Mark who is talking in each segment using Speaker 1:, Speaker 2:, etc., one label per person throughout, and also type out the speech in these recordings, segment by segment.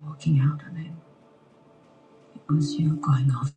Speaker 1: Walking out of it, it was you going off.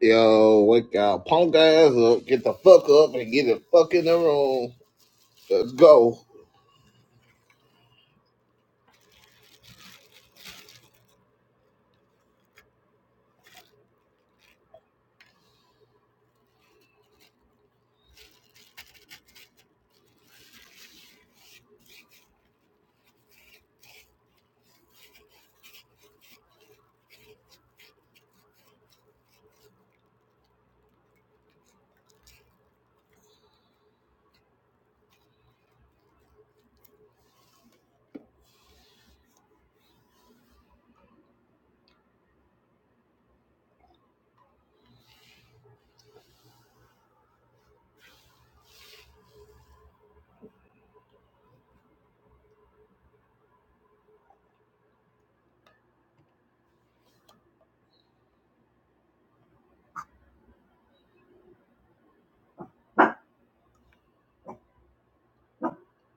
Speaker 2: Yo, wake up, punk ass up, get the fuck up and get the fuck in the room. Let's go.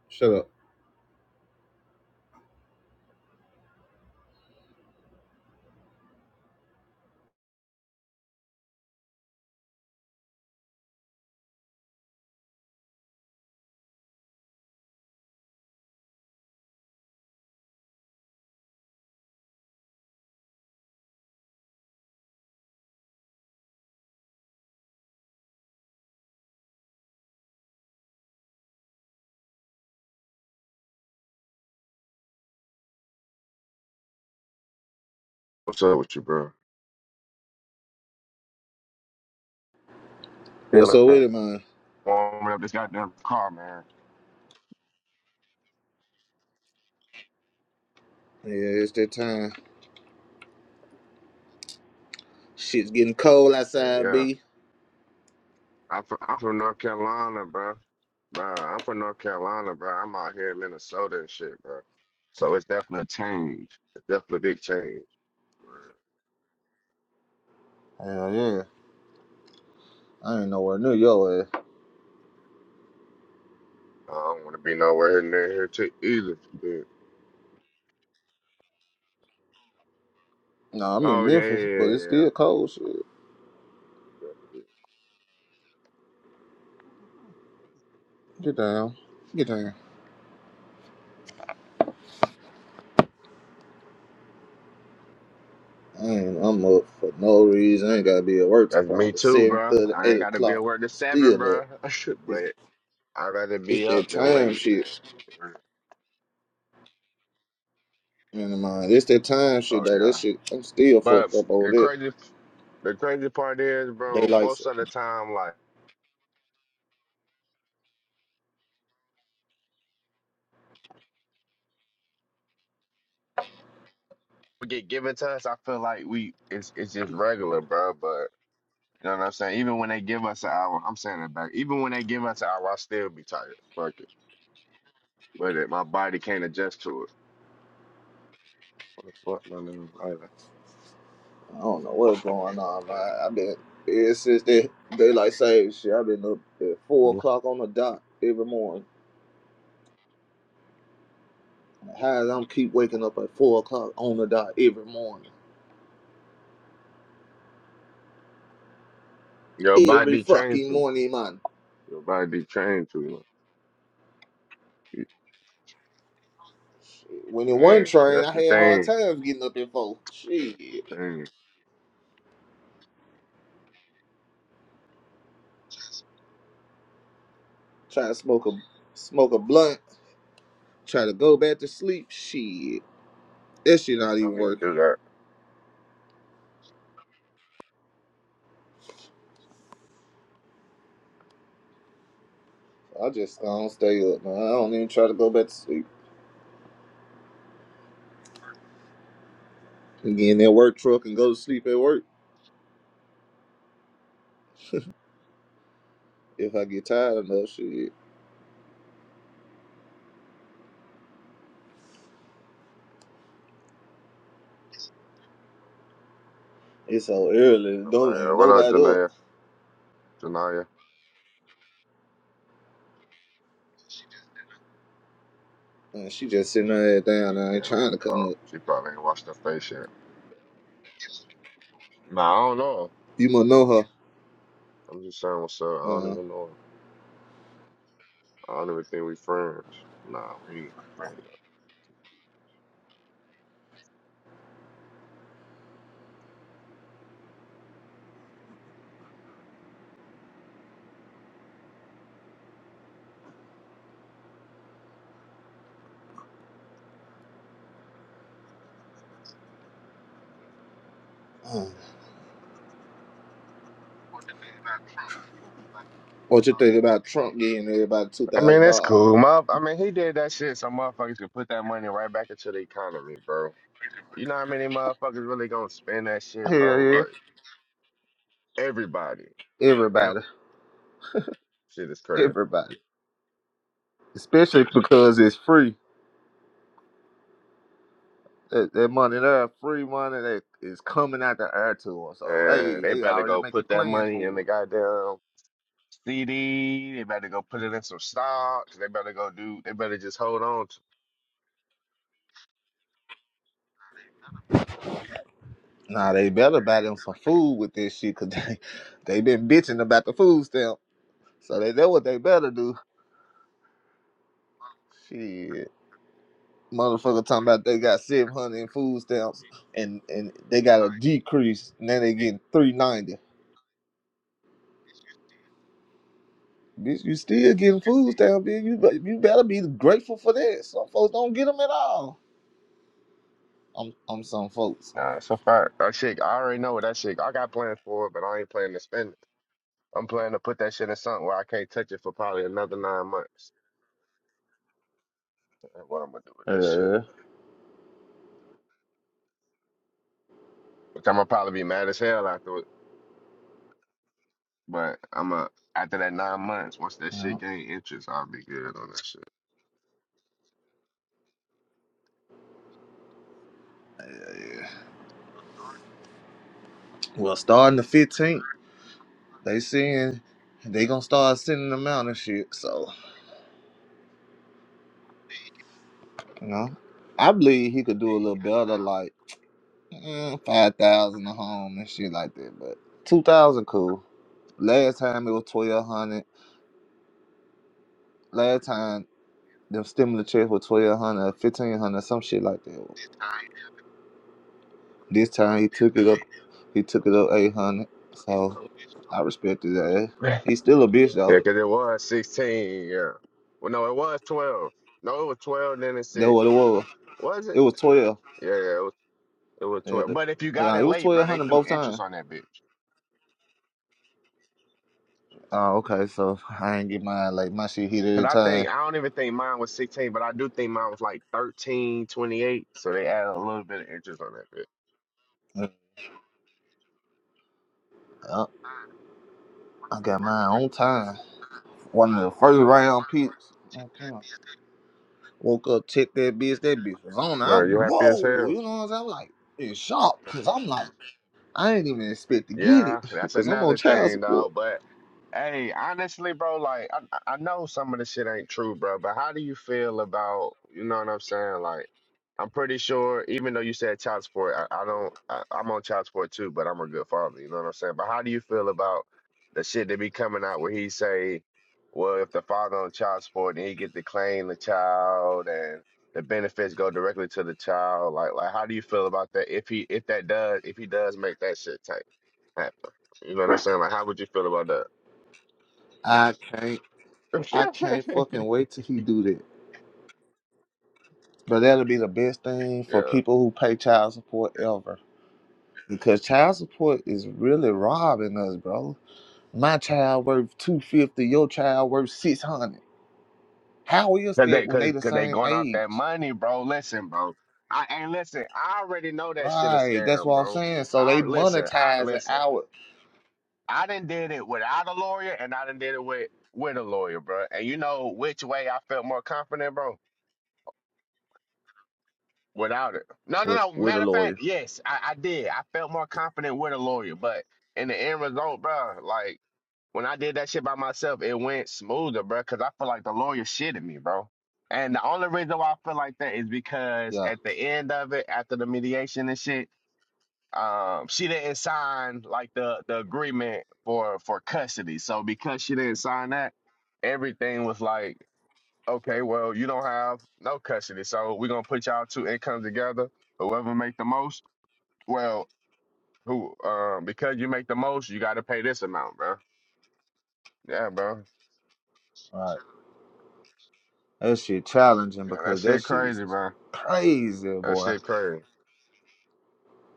Speaker 2: Shut up.
Speaker 3: What's up with you, bro?
Speaker 2: What's
Speaker 3: Hell,
Speaker 2: up with
Speaker 3: man.
Speaker 2: it, man?
Speaker 3: Warm up this goddamn car, man.
Speaker 2: Yeah, it's that time. Shit's getting cold
Speaker 3: Hey,
Speaker 2: outside,
Speaker 3: yeah.
Speaker 2: B.
Speaker 3: I'm from, I'm from North Carolina, bro. Bro, I'm from North Carolina, bro. I'm out here in Minnesota and shit, bro. So it's definitely a change. It's definitely a big change. Bro.
Speaker 2: Hell yeah. I ain't nowhere near your ass.
Speaker 3: I don't want to be nowhere near here too either. Shit.
Speaker 2: No, I'm in
Speaker 3: Oh yeah, yeah,
Speaker 2: Memphis, but it's
Speaker 3: yeah, yeah.
Speaker 2: still cold, shit.
Speaker 3: yeah.
Speaker 2: Get down. Get down. I ain't, I'm up for no reason. I ain't gotta be at work till
Speaker 3: That's me
Speaker 2: probably
Speaker 3: too,
Speaker 2: 7
Speaker 3: bro.
Speaker 2: thirty,
Speaker 3: I
Speaker 2: eight
Speaker 3: ain't got to be at
Speaker 2: o'clock.
Speaker 3: work at seven,
Speaker 2: Still up.
Speaker 3: bro.
Speaker 2: It's,
Speaker 3: but I'd rather
Speaker 2: it's
Speaker 3: be up
Speaker 2: that
Speaker 3: than
Speaker 2: time
Speaker 3: late,
Speaker 2: shit.
Speaker 3: man.
Speaker 2: Man, mind. It's that time shit,
Speaker 3: Oh
Speaker 2: though. That
Speaker 3: yeah.
Speaker 2: shit, I'm still fucked
Speaker 3: But
Speaker 2: up over
Speaker 3: the
Speaker 2: that.
Speaker 3: crazy. The crazy part is, bro,
Speaker 2: Daylight. sa-
Speaker 3: most of the time, like, we get given to us, I feel like we, it's it's just regular, bro. But, you know what I'm saying? Even when they give us an hour, I'm saying it back. Even when they give us an hour, I still be tired. Fuck it. But it, my body can't adjust to it. What the fuck, my nigga? Like,
Speaker 2: I don't know what's going on, man. I've been ever since that daylight savings shit. I've been up at four
Speaker 3: mhm.
Speaker 2: o'clock on the dot every morning. How I'm keep waking up at four o'clock on the dot every morning,
Speaker 3: Your
Speaker 2: every
Speaker 3: body trained
Speaker 2: fucking
Speaker 3: to.
Speaker 2: morning, man.
Speaker 3: Your body trained to.
Speaker 2: Shit, When it one
Speaker 3: Man,
Speaker 2: train,
Speaker 3: that's
Speaker 2: I
Speaker 3: the
Speaker 2: had hard
Speaker 3: thing.
Speaker 2: times getting up at four. Shit,
Speaker 3: Dang, I
Speaker 2: try to smoke a smoke a blunt, try to go back to sleep. Shit, that shit not even
Speaker 3: don't even
Speaker 2: working.
Speaker 3: do that.
Speaker 2: I just I don't stay up, man. I don't even try to go back to sleep. And get in that work truck and go to sleep at work. if I get tired enough, shit. It's so early, don't ain't
Speaker 3: Nobody- What up,
Speaker 2: nobody up.
Speaker 3: Janaya? Janaya?
Speaker 2: And she just sitting her head down and I ain't
Speaker 3: Damn, what
Speaker 2: trying
Speaker 3: the
Speaker 2: to come
Speaker 3: fuck?
Speaker 2: up.
Speaker 3: She probably ain't washed her face yet. Nah, I don't know.
Speaker 2: You must know her.
Speaker 3: I'm just saying what's up. I don't
Speaker 2: Uh,
Speaker 3: even know. him. I don't even think we friends. Nah, we ain't even friends.
Speaker 2: uh, what you think about Trump getting everybody two
Speaker 3: I mean,
Speaker 2: thousand
Speaker 3: that's
Speaker 2: dollars?
Speaker 3: cool. My, I mean, he did that shit so motherfuckers can put that money right back into the economy, bro. You know how many motherfuckers really gonna spend that shit,
Speaker 2: Hell
Speaker 3: bro?
Speaker 2: yeah,
Speaker 3: Like everybody. Yep.
Speaker 2: everybody,
Speaker 3: Shit is crazy.
Speaker 2: everybody, especially because it's free. That, that money there, free money that is coming out the air to us. So
Speaker 3: Man,
Speaker 2: hey,
Speaker 3: they
Speaker 2: they
Speaker 3: better
Speaker 2: already
Speaker 3: go
Speaker 2: making
Speaker 3: put that
Speaker 2: plans
Speaker 3: money in the
Speaker 2: for
Speaker 3: goddamn CD. They better go put it in some stocks. They better go do. They better just hold on
Speaker 2: it. Nah, they better buy them some food with this shit, cause they they been bitching about the food stamp. So they know what they better do. Shit. Motherfucker talking about they got 700 in food stamps and, and they got a decrease. Now they getting 390. Bitch, you still getting food stamps, bitch. You, be- you better be grateful for that. Some folks don't get them at all. I'm, I'm some folks.
Speaker 3: Nah, it's a fact. That shit, I already know what that shit. I got plans for it, but I ain't planning to spend it. I'm planning to put that shit in something where I can't touch it for probably another nine months. That's what I'm gonna do with that shit?
Speaker 2: Uh,
Speaker 3: Which I'm gonna probably be mad as hell after it. But I'm going to after that nine months, once that
Speaker 2: yeah.
Speaker 3: shit gain interest, I'll be good on that shit.
Speaker 2: Well, starting the 15th, they saying they gonna start sending them out and shit. So, you know, I believe he could do a little better, like mm, 5,000 a home and shit like that. But 2,000 cool. Last time it was twelve hundred. Last time them stimulus checks were twelve hundred, fifteen hundred, some shit like that. This time he took it up. He took it up eight hundred. So I respected that.
Speaker 3: yeah,
Speaker 2: He's still a bitch though.
Speaker 3: because it was 16. Yeah. Well, no, it was 12. No, it was 12, then it's
Speaker 2: That
Speaker 3: six.
Speaker 2: what it was.
Speaker 3: Was it?
Speaker 2: It was twelve.
Speaker 3: Yeah, yeah, it was, it was
Speaker 2: Yeah,
Speaker 3: 12. But if you got
Speaker 2: yeah
Speaker 3: it
Speaker 2: it was
Speaker 3: late, bro,
Speaker 2: twelve
Speaker 3: they
Speaker 2: hundred
Speaker 3: threw
Speaker 2: both
Speaker 3: interest
Speaker 2: times.
Speaker 3: on that bitch.
Speaker 2: Oh, okay. So I ain't get mine. Like my shit hit
Speaker 3: Cause
Speaker 2: every
Speaker 3: I
Speaker 2: time.
Speaker 3: think I don't even think mine was 16, but I do think mine was like 13 28. So they added a little bit of interest on that bit.
Speaker 2: Uh, I got mine on time. One of the first round picks. Okay. Woke up, checked that bitch. That bitch was on.
Speaker 3: No,
Speaker 2: I'm
Speaker 3: you happy
Speaker 2: whoa,
Speaker 3: as hell.
Speaker 2: you know what I'm saying? I'm like in shock because I'm like I ain't even expect to get it
Speaker 3: Yeah, that's
Speaker 2: because I'm on
Speaker 3: another
Speaker 2: child
Speaker 3: thing
Speaker 2: support.
Speaker 3: though. But hey, honestly, bro, like I I know some of the shit ain't true, bro. But how do you feel about you know what I'm saying? Like I'm pretty sure, even though you said child support, I, I don't. I, I'm on child support too, but I'm a good father. You know what I'm saying? But how do you feel about the shit that be coming out where he say, well, if the father on child support, then he get to claim the child and. The benefits go directly to the child. Like, like, how do you feel about that? If he, if that does, if he does make that shit take happen. You know what I'm saying? Like, how would you feel about that?
Speaker 2: I can't, I can't fucking wait till he do that. But that'll be the best thing for
Speaker 3: yeah,
Speaker 2: people who pay child support ever because child support is really robbing us, bro. My child worth two fifty, your child worth six hundred. How is
Speaker 3: cause
Speaker 2: that
Speaker 3: they,
Speaker 2: when they
Speaker 3: cause,
Speaker 2: the
Speaker 3: cause they
Speaker 2: same
Speaker 3: going off that
Speaker 2: age?
Speaker 3: money, bro. Listen, bro. I and listen. I already know that shit a
Speaker 2: Right, that's
Speaker 3: scam,
Speaker 2: what I'm
Speaker 3: bro.
Speaker 2: saying. So they
Speaker 3: I listen. I
Speaker 2: monetizing
Speaker 3: listen.
Speaker 2: our
Speaker 3: I done did it without a lawyer, and I done did it with with a lawyer, bro. And you know which way I felt more confident, bro. Without it. No, no,
Speaker 2: with
Speaker 3: no.
Speaker 2: with a
Speaker 3: Matter of fact,
Speaker 2: lawyer.
Speaker 3: yes, I, I did. I felt more confident with a lawyer, but in the end result, bro, like. When I did that shit by myself, it went smoother, bro, because I feel like the lawyer shitted me, bro. And the only reason why I feel like that is because
Speaker 2: Yeah,
Speaker 3: at the end of it, after the mediation and shit, um, she didn't sign like the the agreement for for custody. So because she didn't sign that, everything was like, okay, well, you don't have no custody, so we're gonna put y'all two incomes together. Whoever make the most, well, who um because you make the most, you got to pay this amount, bro. Yeah, bro.
Speaker 2: right. That shit challenging
Speaker 3: Yeah, that
Speaker 2: because that
Speaker 3: shit
Speaker 2: shit is
Speaker 3: crazy, man.
Speaker 2: crazy,
Speaker 3: That
Speaker 2: boy.
Speaker 3: shit crazy.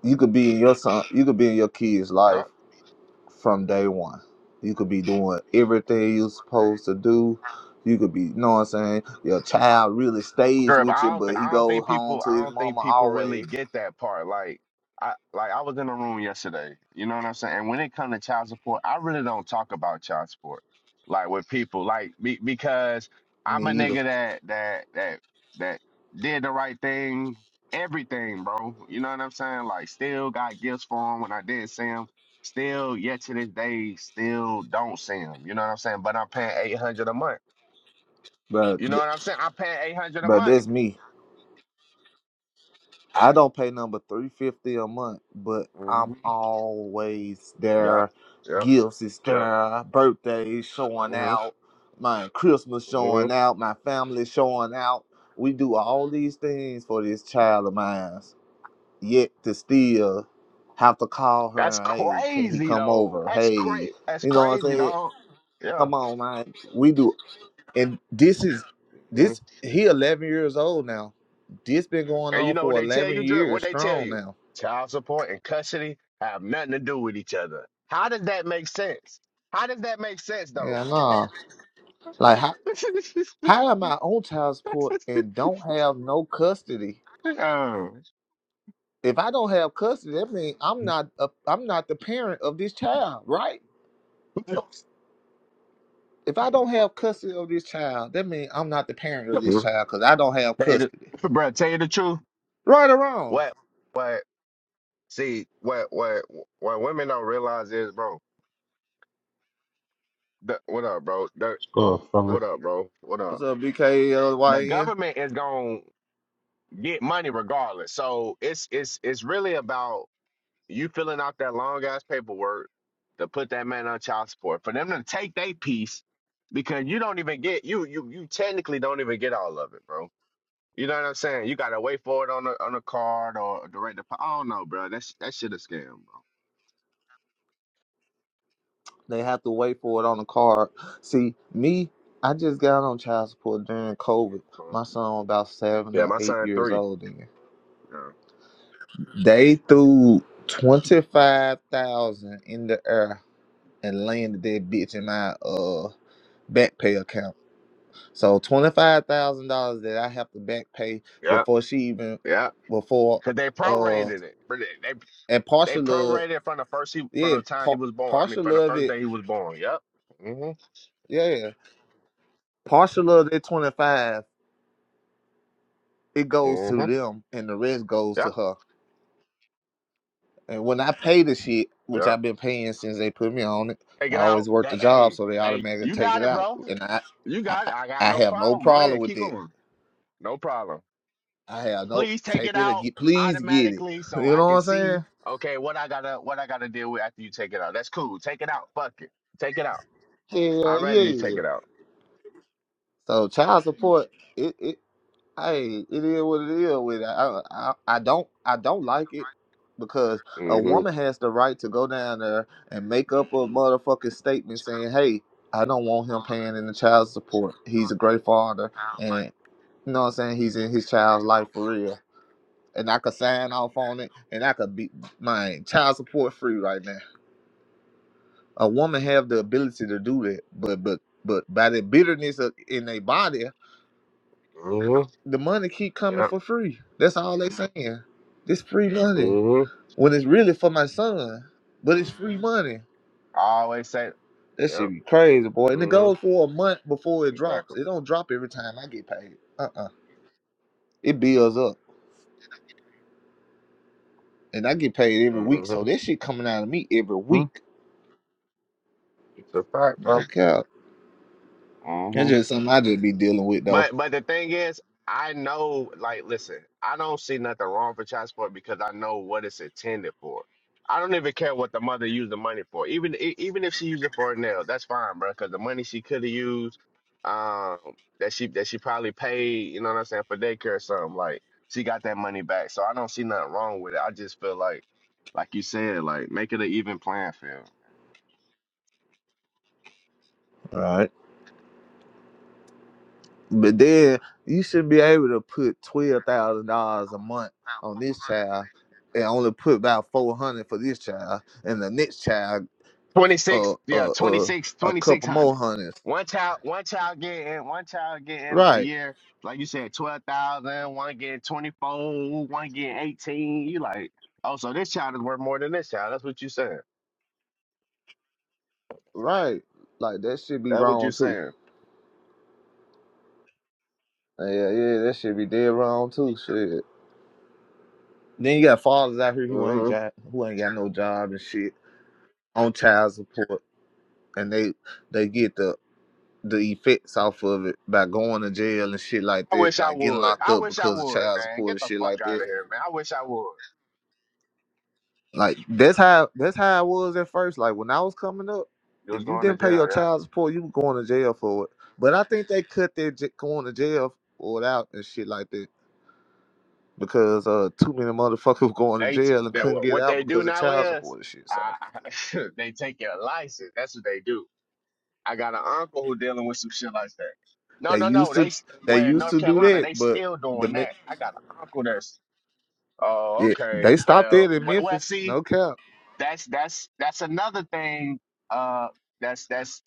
Speaker 2: You could be in your son, you could be in your kid's
Speaker 3: Yeah,
Speaker 2: life from day one. You could be doing everything you're supposed to do. You could be, you know what I'm saying? Your child really stays
Speaker 3: Gerb,
Speaker 2: with you,
Speaker 3: I don't,
Speaker 2: but
Speaker 3: th-
Speaker 2: he
Speaker 3: I don't
Speaker 2: goes
Speaker 3: think
Speaker 2: home
Speaker 3: people,
Speaker 2: to
Speaker 3: I
Speaker 2: his
Speaker 3: don't
Speaker 2: mama
Speaker 3: think people really
Speaker 2: always.
Speaker 3: get that part. Like, I, like I was in a room yesterday. You know what I'm saying? And when it comes to child support, I really don't talk about child support, like with people, like be, because
Speaker 2: Me
Speaker 3: I'm a
Speaker 2: either,
Speaker 3: nigga that that that that did the right thing, everything, bro. You know what I'm saying? Like, still got gifts for him when I did see him still yet to this day still don't see him. You know what I'm saying? But I'm paying eight hundred a month.
Speaker 2: but
Speaker 3: You know what I'm saying? I'm paying eight hundred a
Speaker 2: but
Speaker 3: month.
Speaker 2: that's me. I don't pay number three fifty a month, but I'm
Speaker 3: hmm
Speaker 2: always
Speaker 3: Yep,
Speaker 2: there.
Speaker 3: yep,
Speaker 2: Gifts is
Speaker 3: yep.
Speaker 2: there, birthdays showing
Speaker 3: hmm
Speaker 2: out, my Christmas
Speaker 3: hmm
Speaker 2: showing out, my family showing out. We do all these things for this child of mine. Yet to still have to call her
Speaker 3: That's
Speaker 2: hey, can he
Speaker 3: crazy
Speaker 2: come
Speaker 3: though.
Speaker 2: over?
Speaker 3: That's
Speaker 2: Hey, you
Speaker 3: crazy. That's
Speaker 2: know what I'm
Speaker 3: crazy,
Speaker 2: saying?
Speaker 3: dog. Yeah.
Speaker 2: Come on, man. We do and this is
Speaker 3: hmm
Speaker 2: this he 11 years old now this been going
Speaker 3: And you
Speaker 2: on
Speaker 3: know what
Speaker 2: for
Speaker 3: they tell
Speaker 2: 11
Speaker 3: you, Drip?
Speaker 2: years
Speaker 3: What they tell
Speaker 2: strong
Speaker 3: you?
Speaker 2: now
Speaker 3: Child support and custody have nothing to do with each other. How does that make sense? How does that make sense
Speaker 2: yeah
Speaker 3: though?
Speaker 2: nah like how, how am i on child support and don't have no custody
Speaker 3: Um,
Speaker 2: if i don't have custody that means i'm not a, i'm not the parent of this child right
Speaker 3: Tell
Speaker 2: if i don't have custody of this child that means i'm not the parent of this
Speaker 3: you
Speaker 2: child because i don't have
Speaker 3: the,
Speaker 2: custody
Speaker 3: bruh, tell you the truth.
Speaker 2: right or wrong
Speaker 3: What? See, what what what women don't realize is, bro. The, what up, bro? The,
Speaker 4: Score from the
Speaker 3: what up, bro? What up?
Speaker 2: what's up bkl
Speaker 3: The government is gonna get money regardless. So it's it's it's really about you filling out that long ass paperwork to put that man on child support for them to take their piece because you don't even get you you you technically don't even get all of it, bro. You know what I'm saying? You gotta wait for it on a on a card or a direct deposit. I don't know, bro. That sh- that shit a scam, bro.
Speaker 2: They have to wait for it on the card. See, me, I just got on child support during
Speaker 3: Yeah,
Speaker 2: COVID.
Speaker 3: bro.
Speaker 2: My son was about seven
Speaker 3: Yeah,
Speaker 2: or
Speaker 3: my
Speaker 2: eight
Speaker 3: son
Speaker 2: years
Speaker 3: three.
Speaker 2: old then. They threw twenty five thousand in the air and landed that bitch in my uh back pay account. So twenty five thousand dollars that I have to back pay
Speaker 3: Yeah.
Speaker 2: before she even
Speaker 3: Yeah,
Speaker 2: before
Speaker 3: because they
Speaker 2: uh
Speaker 3: prorated it. But They, they
Speaker 2: and
Speaker 3: they
Speaker 2: partial of
Speaker 3: prorated it from the first he from
Speaker 2: yeah,
Speaker 3: the time he
Speaker 2: par-
Speaker 3: was born. I mean,
Speaker 2: partial
Speaker 3: from the
Speaker 2: of
Speaker 3: first
Speaker 2: it,
Speaker 3: day he was born. Yep. Mhm.
Speaker 2: yeah. Partial of that twenty five it goes to
Speaker 3: Mhm.
Speaker 2: them and the rest goes to
Speaker 3: Yep.
Speaker 2: her. And when I pay the shit, which
Speaker 3: Yep.
Speaker 2: I've been paying since they put me on it,
Speaker 3: Take
Speaker 2: I
Speaker 3: it out.
Speaker 2: always work the
Speaker 3: That,
Speaker 2: job
Speaker 3: hey,
Speaker 2: so they
Speaker 3: hey,
Speaker 2: automatically
Speaker 3: you
Speaker 2: take
Speaker 3: got
Speaker 2: it
Speaker 3: it,
Speaker 2: out.
Speaker 3: bro.
Speaker 2: And I
Speaker 3: You
Speaker 2: I,
Speaker 3: got
Speaker 2: I
Speaker 3: it. I got
Speaker 2: I
Speaker 3: no
Speaker 2: have no
Speaker 3: problem. Go
Speaker 2: problem
Speaker 3: ahead.
Speaker 2: with
Speaker 3: Keep
Speaker 2: it.
Speaker 3: going. No problem.
Speaker 2: I have no
Speaker 3: Please take
Speaker 2: take
Speaker 3: it
Speaker 2: it or
Speaker 3: out
Speaker 2: get please get it.
Speaker 3: automatically so
Speaker 2: You
Speaker 3: I
Speaker 2: know
Speaker 3: can
Speaker 2: what
Speaker 3: see.
Speaker 2: I'm
Speaker 3: Okay, what I gotta what I gotta deal with after you take it out. That's cool. Take it out. Fuck it. Take it out.
Speaker 2: saying?
Speaker 3: I'd
Speaker 2: Yeah,
Speaker 3: rather you take
Speaker 2: yeah.
Speaker 3: it out.
Speaker 2: So child support, it, it hey, it is what it is. With it. I, I, I don't, I don't like it because a
Speaker 3: Mhm.
Speaker 2: woman has the right to go down there and make up a motherfucking statement saying, "Hey, I don't want him paying in the child support. He's a great father, and you know what I'm saying. He's in his child's life for real." And I could sign off on it, and I could be my child support free right now. A woman have the ability to do that, but but but by the bitterness of, in their body
Speaker 3: Mhm.
Speaker 2: the money keep coming
Speaker 3: Yeah.
Speaker 2: for free. That's all they saying. This free money.
Speaker 3: hmm
Speaker 2: When it's really for my son, but it's free money.
Speaker 3: I always say,
Speaker 2: That shit
Speaker 3: yep.
Speaker 2: be crazy, boy. And it
Speaker 3: hmm
Speaker 2: goes for a month before it drops.
Speaker 3: Exactly.
Speaker 2: It don't drop every time I get paid. Uh-uh. It builds up. And I get paid every week. So
Speaker 3: hmm
Speaker 2: this shit coming out of me every week.
Speaker 3: It's a fact,
Speaker 2: No cap.
Speaker 3: bro.
Speaker 2: That's just something I just be dealing with though.
Speaker 3: But but the thing is, I know, like, listen, I don't see nothing wrong for child support because I know what it's intended for. I don't even care what the mother used the money for. Even e- even if she used it for a nail, that's fine, bro. Because the money she could have used, um, that she that she probably paid, you know what I'm saying, for daycare or something. Like she got that money back, so I don't see nothing wrong with it. I just feel like, like you said, like make it an even playing field.
Speaker 2: All Right. But then you should be able to put twelve thousand dollars a month on this child, and only put about four hundred for this child, and the next child, uh,
Speaker 3: 26, yeah,
Speaker 2: uh,
Speaker 3: twenty
Speaker 2: uh,
Speaker 3: six,
Speaker 2: a
Speaker 3: twenty six
Speaker 2: couple more
Speaker 3: hundred.
Speaker 2: hundreds.
Speaker 3: One child, one child getting, one child getting a
Speaker 2: Right,
Speaker 3: year, like you said, 12,000, one getting 24, one getting 18. You like, oh, so this child is worth more than this child. That's what you saying.
Speaker 2: right. Like that should be
Speaker 3: That's what
Speaker 2: wrong
Speaker 3: you
Speaker 2: too.
Speaker 3: saying.
Speaker 2: Yeah, yeah, that should be dead wrong too. Shit. Then you got fathers out here who ain't
Speaker 3: hmm
Speaker 2: job, who ain't got no job and shit on child support, and they they get the the effects off of it by going to jail and shit like
Speaker 3: I
Speaker 2: that,
Speaker 3: wish I
Speaker 2: like getting
Speaker 3: would.
Speaker 2: locked
Speaker 3: I
Speaker 2: up
Speaker 3: wish I
Speaker 2: because of
Speaker 3: would,
Speaker 2: child
Speaker 3: man.
Speaker 2: support
Speaker 3: Get
Speaker 2: and
Speaker 3: the
Speaker 2: shit
Speaker 3: fuck
Speaker 2: like
Speaker 3: out
Speaker 2: that.
Speaker 3: of here, man. I wish I would.
Speaker 2: Like that's how that's how I was at first. Like when I was coming up,
Speaker 3: You was
Speaker 2: if you
Speaker 3: going to
Speaker 2: didn't pay
Speaker 3: jail,
Speaker 2: your
Speaker 3: yeah.
Speaker 2: child support, you were going to jail for it. But I think they cut that j- going to jail or out and shit like that because uh too many motherfuckers were going to
Speaker 3: They, t-
Speaker 2: jail and
Speaker 3: that
Speaker 2: couldn't
Speaker 3: what
Speaker 2: get
Speaker 3: what
Speaker 2: out
Speaker 3: they do
Speaker 2: because of
Speaker 3: now
Speaker 2: child
Speaker 3: is,
Speaker 2: support and shit. So
Speaker 3: uh, they take your license. That's what they do I got an uncle who dealing with some shit like that. No,
Speaker 2: they
Speaker 3: no, no.
Speaker 2: used to
Speaker 3: They st-
Speaker 2: they
Speaker 3: where in
Speaker 2: used
Speaker 3: North
Speaker 2: to do
Speaker 3: Carolina
Speaker 2: that,
Speaker 3: they
Speaker 2: but
Speaker 3: still
Speaker 2: the
Speaker 3: doing
Speaker 2: Mi-
Speaker 3: that. I got an uncle that's oh
Speaker 2: yeah,
Speaker 3: okay.
Speaker 2: they stopped that
Speaker 3: Well,
Speaker 2: in
Speaker 3: well, well
Speaker 2: Memphis.
Speaker 3: see,
Speaker 2: No cap.
Speaker 3: that's that's that's another thing. Uh, that's that's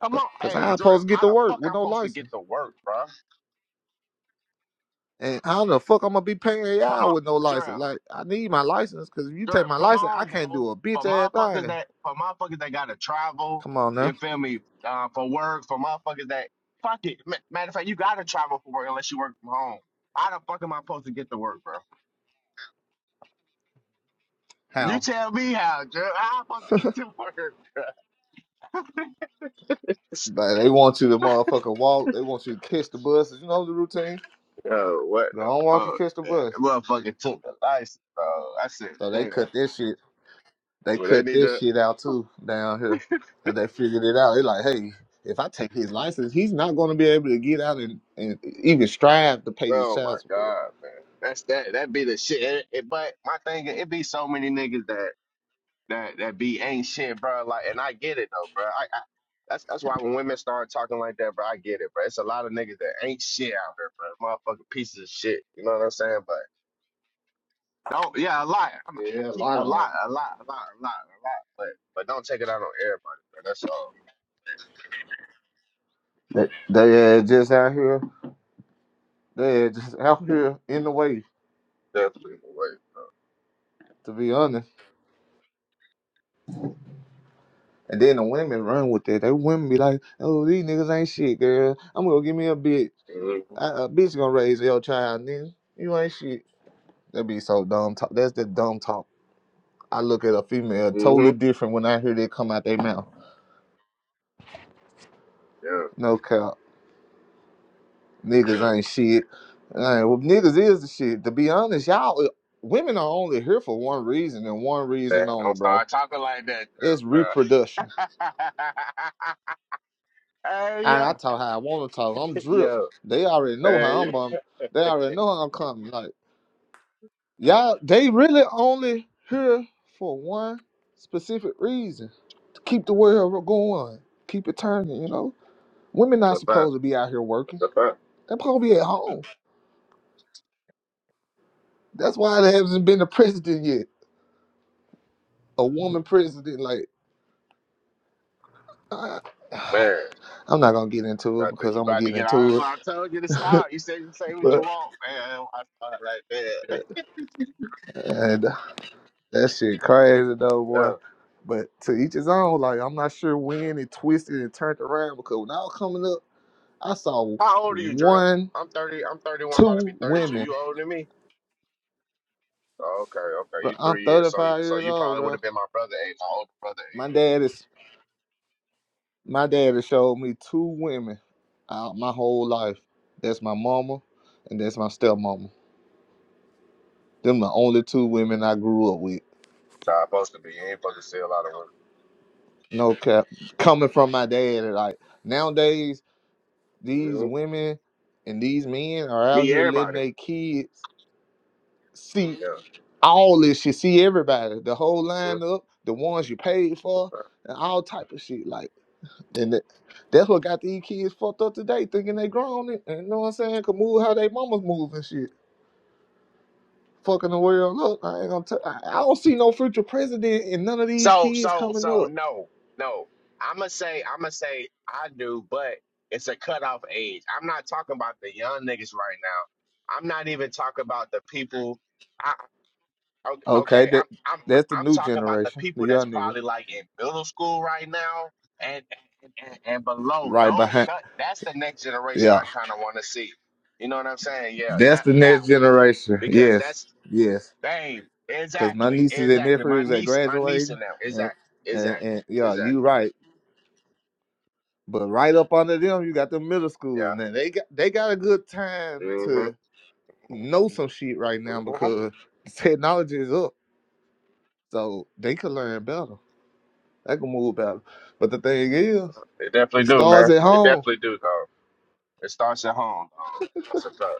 Speaker 3: come on.
Speaker 2: Cause
Speaker 3: Hey,
Speaker 2: I
Speaker 3: Drill,
Speaker 2: supposed to get
Speaker 3: how
Speaker 2: to
Speaker 3: the
Speaker 2: work
Speaker 3: fuck
Speaker 2: with
Speaker 3: I'm
Speaker 2: no
Speaker 3: supposed to
Speaker 2: license.
Speaker 3: get to work, bruh?
Speaker 2: And how the fuck I'm gonna be paying
Speaker 3: Come
Speaker 2: y'all
Speaker 3: on,
Speaker 2: with no license?
Speaker 3: Drill.
Speaker 2: Like I need my license because if you take
Speaker 3: Sure,
Speaker 2: my
Speaker 3: come
Speaker 2: license, I
Speaker 3: on,
Speaker 2: can't
Speaker 3: bro.
Speaker 2: do a
Speaker 3: For
Speaker 2: bitch ass
Speaker 3: motherfuckers
Speaker 2: thing.
Speaker 3: that for motherfuckers that gotta travel,
Speaker 2: Come on now.
Speaker 3: you feel me? Uh, for work, for motherfuckers that fuck it. Ma- Matter of fact, you gotta travel for work unless you work from home. How the fuck am I supposed to get to work, bro? You
Speaker 2: How?
Speaker 3: tell me how, Jer. How am I supposed to get to work, bro?
Speaker 2: But they want you to motherfucking walk. They want you to catch the bus. You know the routine.
Speaker 3: Yo, what
Speaker 2: Don't
Speaker 3: the
Speaker 2: walk and
Speaker 3: fuck?
Speaker 2: catch the
Speaker 3: Man?
Speaker 2: bus.
Speaker 3: Motherfucker took the license, bro. I said,
Speaker 2: So they
Speaker 3: damn.
Speaker 2: cut this shit. They
Speaker 3: Well, they
Speaker 2: cut
Speaker 3: need
Speaker 2: this
Speaker 3: to.
Speaker 2: shit out too down here. Cause they figured it out. They like, hey, if I take his license, he's not gonna be able to get out and, and even strive to pay his
Speaker 3: Oh my
Speaker 2: child support.
Speaker 3: god, man. That's that. That be the shit. It- it- but my thing, is, it be so many niggas that. that that be ain't shit, bro. Like, and I get it though, bro. I, I that's that's why when women start talking like that, bro, I get it, bro. It's a lot of niggas that ain't shit out here, bro. Motherfucking pieces of shit. You know what I'm saying? But don't, yeah, a lot. I, mean, I
Speaker 2: Yeah, a
Speaker 3: keep
Speaker 2: lot
Speaker 3: a
Speaker 2: on.
Speaker 3: lot, a lot, a lot, a lot, a lot. But but don't take it out on everybody, bro. That's all.
Speaker 2: They, they are just out here. They are just out here in the way,
Speaker 3: Definitely
Speaker 2: to be honest. And then the women run with it. They women be like, "Oh, these niggas ain't shit, girl. I'm gonna give me a bitch.
Speaker 3: the way.
Speaker 2: I, a bitch gonna raise your child, nigga. You ain't shit." That be so dumb talk. That's the dumb talk. I look at a female
Speaker 3: Mhm.
Speaker 2: totally
Speaker 3: Mhm.
Speaker 2: different when I hear that come out their mouth.
Speaker 3: Yeah.
Speaker 2: No cap, niggas ain't shit. Alright, well, niggas is the shit. To be honest, y'all, women are only here for one reason and one reason
Speaker 3: Man,
Speaker 2: only,
Speaker 3: don't
Speaker 2: bro.
Speaker 3: start talking like that,
Speaker 2: It's
Speaker 3: bro.
Speaker 2: reproduction
Speaker 3: hey
Speaker 2: I, I
Speaker 3: yo,
Speaker 2: talk how I want to talk. I'm drip.
Speaker 3: yo,
Speaker 2: They already know
Speaker 3: hey
Speaker 2: how
Speaker 3: yo.
Speaker 2: I'm. Um, they already know how I'm coming. Like y'all, they really only here for one specific reason: to keep the world going, keep it turning. You know, women
Speaker 3: That's
Speaker 2: not
Speaker 3: a fact.
Speaker 2: supposed to be out here
Speaker 3: That's
Speaker 2: working.
Speaker 3: a fact,
Speaker 2: They're supposed to be at home. That's why there hasn't been a president yet, a woman president. Like, I,
Speaker 3: man.
Speaker 2: I'm not gonna get into it
Speaker 3: Brother,
Speaker 2: because
Speaker 3: you
Speaker 2: I'm gonna
Speaker 3: about to
Speaker 2: get
Speaker 3: get honest
Speaker 2: into
Speaker 3: when I told you to
Speaker 2: it,
Speaker 3: stop. You said you say what you
Speaker 2: but.
Speaker 3: want, man. I saw it right
Speaker 2: uh,
Speaker 3: there.
Speaker 2: and That shit crazy though, boy.
Speaker 3: Yeah.
Speaker 2: But to each his own. Like I'm not sure when it twisted and turned around because when I was coming up, I saw
Speaker 3: How old are you, Drip?
Speaker 2: one,
Speaker 3: I'm thirty. I'm thirty-one, about to be
Speaker 2: two
Speaker 3: thirty-two.
Speaker 2: women.
Speaker 3: You older than me? Oh, Okay, okay.
Speaker 2: But
Speaker 3: You
Speaker 2: I'm
Speaker 3: three years, so
Speaker 2: 35
Speaker 3: so
Speaker 2: years
Speaker 3: you
Speaker 2: old,
Speaker 3: probably would
Speaker 2: bro.
Speaker 3: have been my brother age, my older brother
Speaker 2: My
Speaker 3: age.
Speaker 2: dad is my dad has showed me two women out my whole life. That's my mama and that's my stepmama. Them the
Speaker 3: Mm-hmm.
Speaker 2: only two women I grew up with.
Speaker 3: So I'm supposed to be. You ain't supposed to see a lot of
Speaker 2: No cap. Coming from my dad, like nowadays
Speaker 3: women.
Speaker 2: These
Speaker 3: hmm
Speaker 2: women and these men are out
Speaker 3: Me,
Speaker 2: here letting
Speaker 3: everybody.
Speaker 2: their kids see
Speaker 3: Yeah.
Speaker 2: all this shit, see everybody, the whole lineup, the ones you paid for,
Speaker 3: hmm
Speaker 2: and all type of shit. Like, and that- that's what got these kids fucked up today, thinking they grown. And and you know what I'm saying? Can move how they mamas move and shit. Fucking the world up. I ain't gonna tell. I I don't see no future president in none of these
Speaker 3: So
Speaker 2: kids
Speaker 3: so
Speaker 2: coming
Speaker 3: so
Speaker 2: up.
Speaker 3: no no. I'ma say I'ma say I do, but it's a cutoff age. I'm not talking about the young niggas right now. I'm not even talking about the people. I o-
Speaker 2: Okay,
Speaker 3: okay.
Speaker 2: that
Speaker 3: I'm I'm
Speaker 2: that's the
Speaker 3: I'm
Speaker 2: new
Speaker 3: talking about the
Speaker 2: generation, the
Speaker 3: people that's
Speaker 2: young niggas,
Speaker 3: probably like in middle school right now and and, and, and below.
Speaker 2: right
Speaker 3: Don't
Speaker 2: behind.
Speaker 3: that, that's the next generation
Speaker 2: Yeah.
Speaker 3: I kind of want to see. You know what I'm saying? Yeah,
Speaker 2: That's
Speaker 3: that
Speaker 2: the
Speaker 3: that
Speaker 2: next
Speaker 3: one.
Speaker 2: generation.
Speaker 3: because
Speaker 2: Yes,
Speaker 3: that's
Speaker 2: yes.
Speaker 3: Dang,
Speaker 2: Cause my
Speaker 3: exactly,
Speaker 2: nieces and
Speaker 3: exactly. My
Speaker 2: nephews are
Speaker 3: niece, my niece
Speaker 2: graduating,
Speaker 3: and them.
Speaker 2: and
Speaker 3: Exactly,
Speaker 2: and,
Speaker 3: exactly,
Speaker 2: and yeah,
Speaker 3: exactly.
Speaker 2: you right. But right up under them, you got the middle school,
Speaker 3: Yeah.
Speaker 2: and they got they got a good time
Speaker 3: hmm
Speaker 2: to know some shit right now
Speaker 3: hmm
Speaker 2: because technology is up, so they can learn better. They can move better. But the thing is,
Speaker 3: They definitely
Speaker 2: it
Speaker 3: do,
Speaker 2: starts
Speaker 3: man.
Speaker 2: at
Speaker 3: They
Speaker 2: home.
Speaker 3: definitely do, though. It starts at home. Though. That's a fact.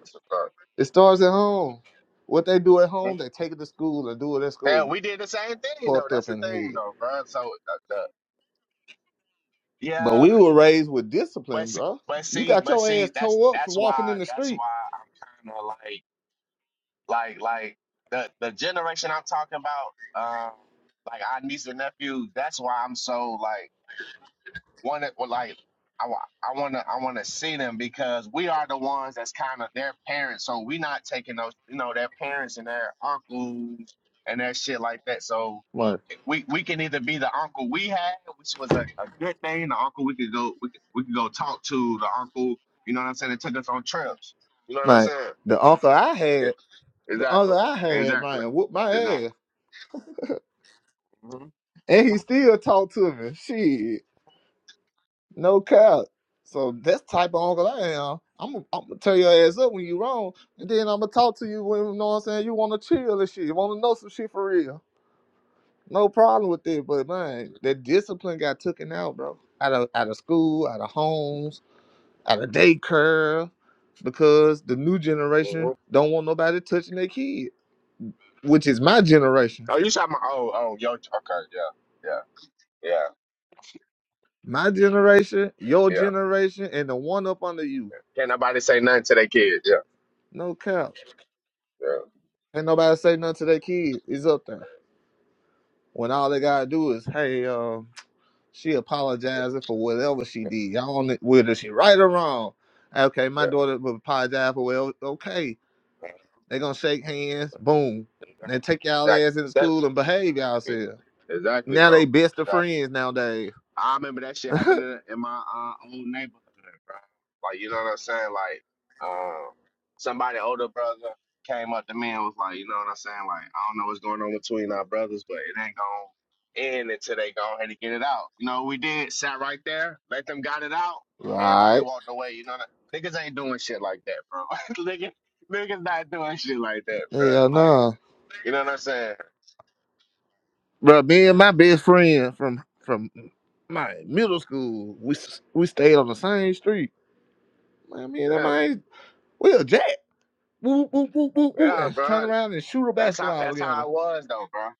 Speaker 3: That's a fact.
Speaker 2: It starts at home. What they do at home,
Speaker 3: Mhm.
Speaker 2: they take it to school and do it at
Speaker 3: And
Speaker 2: school.
Speaker 3: we did the same thing, though.
Speaker 2: Fucked
Speaker 3: That's
Speaker 2: up
Speaker 3: the
Speaker 2: in the head.
Speaker 3: thing, though, bro. So, uh, the,
Speaker 2: But
Speaker 3: yeah,
Speaker 2: we were raised with
Speaker 3: but
Speaker 2: discipline,
Speaker 3: see,
Speaker 2: bro.
Speaker 3: but
Speaker 2: You
Speaker 3: see,
Speaker 2: got
Speaker 3: but
Speaker 2: your ass
Speaker 3: see, that's
Speaker 2: tore up for
Speaker 3: that's
Speaker 2: walking in
Speaker 3: why
Speaker 2: the
Speaker 3: that's
Speaker 2: street.
Speaker 3: why I'm kind of like like like the the generation I'm talking about, uh, like our nieces and nephews. That's why I'm so like. One that well, like I wa- I want to I want to see them because we are the ones that's kind of their parents, so we not taking those you know their parents and their uncles and that shit like that. So
Speaker 2: Like,
Speaker 3: we we can either be the uncle we had, which was a, a good thing, the uncle we could go we could, we could go talk to the uncle. You know what I'm saying? That took us on trips. You know what I'm
Speaker 2: like
Speaker 3: saying?
Speaker 2: the uncle I had,
Speaker 3: It,
Speaker 2: the
Speaker 3: exactly,
Speaker 2: uncle I had,
Speaker 3: exactly,
Speaker 2: man, whooped my ass.
Speaker 3: exactly. hmm
Speaker 2: And he still talked to me. Shit, no cap. So that's the type of uncle I am. I'm gonna I'm gonna tell your ass up when you wrong, and then I'm gonna talk to you when you know what I'm saying. You want to chill and shit. You want to know some shit for real. No problem with that, but man,
Speaker 3: hmm
Speaker 2: that discipline got taken out, bro. Out of out of school, out of homes, out of daycare because the new
Speaker 3: hmm
Speaker 2: generation don't want nobody touching their kid, which is my generation.
Speaker 3: Oh, you shot my. Oh, oh, yo. Okay, yeah, yeah, yeah,
Speaker 2: My generation, your
Speaker 3: yeah.
Speaker 2: generation, and the one up under you.
Speaker 3: Can't nobody say nothing to their kids. Yeah,
Speaker 2: No cap.
Speaker 3: yeah,
Speaker 2: Ain't nobody say nothing to their kid. It's up there. When all they gotta do is, hey, um, she apologizing for whatever she
Speaker 3: yeah.
Speaker 2: did. Y'all on it, whether she right or wrong. Okay, my daughter will apologize for well, okay.
Speaker 3: yeah.
Speaker 2: They gonna shake hands, boom. They take y'all
Speaker 3: Exactly.
Speaker 2: ass into school
Speaker 3: That's
Speaker 2: and behave yourselves.
Speaker 3: exactly,
Speaker 2: Now they
Speaker 3: bro.
Speaker 2: best of friends nowadays.
Speaker 3: I remember that shit happening in in my uh, own neighborhood, bro. Like, you know what I'm saying? Like, um, somebody older brother came up to me and was like, you know what I'm saying? Like, I don't know what's going on between our brothers, but it ain't gonna end until they go ahead and get it out. You know what we did? Sat right there, let them got it out. Everybody
Speaker 2: Right.
Speaker 3: walked away. You know, that? niggas ain't doing shit like that, bro. niggas, niggas not doing shit like that, bro.
Speaker 2: Hell
Speaker 3: Like,
Speaker 2: no.
Speaker 3: you know what I'm saying?
Speaker 2: Bro, me and my best friend from from my middle school, we s- we stayed on the same street. Man, me and that
Speaker 3: Yeah,
Speaker 2: man, we'll jack, woo, woo, woo, woo, woo,
Speaker 3: yeah,
Speaker 2: and turn
Speaker 3: bro.
Speaker 2: around and shoot a
Speaker 3: That's how
Speaker 2: basketball
Speaker 3: that's
Speaker 2: together.
Speaker 3: how I was though, bro.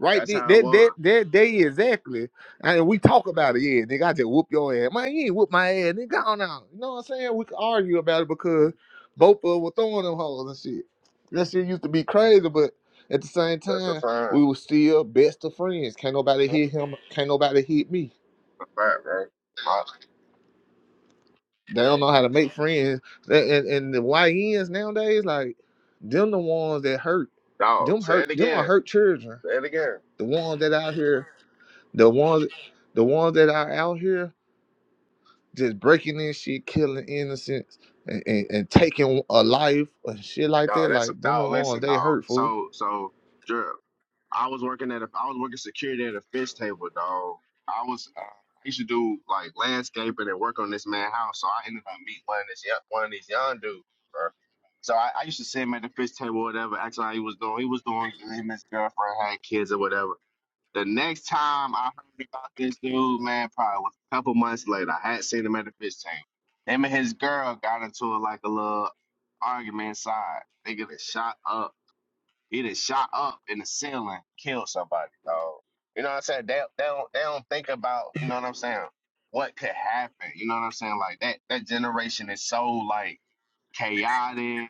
Speaker 2: Right
Speaker 3: That's
Speaker 2: there,
Speaker 3: how I
Speaker 2: that
Speaker 3: was.
Speaker 2: that that day exactly, and we talk about it. Yeah, nigga, I just whoop your ass, man. You ain't whoop my ass, nigga. Go on out. You know what I'm saying? We could argue about it because
Speaker 3: Mhm.
Speaker 2: both of us were throwing them hoes and shit. That shit used to be crazy, but at the same
Speaker 3: That's a
Speaker 2: time, we
Speaker 3: fine.
Speaker 2: were still best of friends. Can't nobody
Speaker 3: That's
Speaker 2: hit him. Can't nobody hit me.
Speaker 3: a fact, right? My,
Speaker 2: They don't know how to make friends. And and, and the YNs nowadays, like them, the ones that hurt.
Speaker 3: dog,
Speaker 2: Them
Speaker 3: say
Speaker 2: hurt.
Speaker 3: it
Speaker 2: Them are
Speaker 3: again.
Speaker 2: hurt children.
Speaker 3: Say it again.
Speaker 2: The ones that out here. The ones, the ones that are out here just breaking in shit, killing innocents, and, and, and taking a life and shit like
Speaker 3: Dog,
Speaker 2: that.
Speaker 3: that's a
Speaker 2: Like them, the
Speaker 3: dog.
Speaker 2: ones
Speaker 3: Listen, dog.
Speaker 2: they hurtful.
Speaker 3: So, so, Drew, I was working at a, I was working security at a fish table, dog. I was, uh, I used to do like landscaping and work on this man house. So I ended up meeting one of this, young- one of these young dudes, bro. So I, I used to see him at the fish table, or whatever. Actually, he was doing, he was doing, good. him and his girlfriend had kids or whatever. The next time I heard about this dude, man, probably was a couple months later. I had seen him at the fish tank. Him and his girl got into like a little argument inside. They get shot up. He done shot up in the ceiling, killed somebody, dog. You know what I'm saying? They, they don't they don't think about, you know what I'm saying, what could happen. You know what I'm saying? Like that that generation is so like chaotic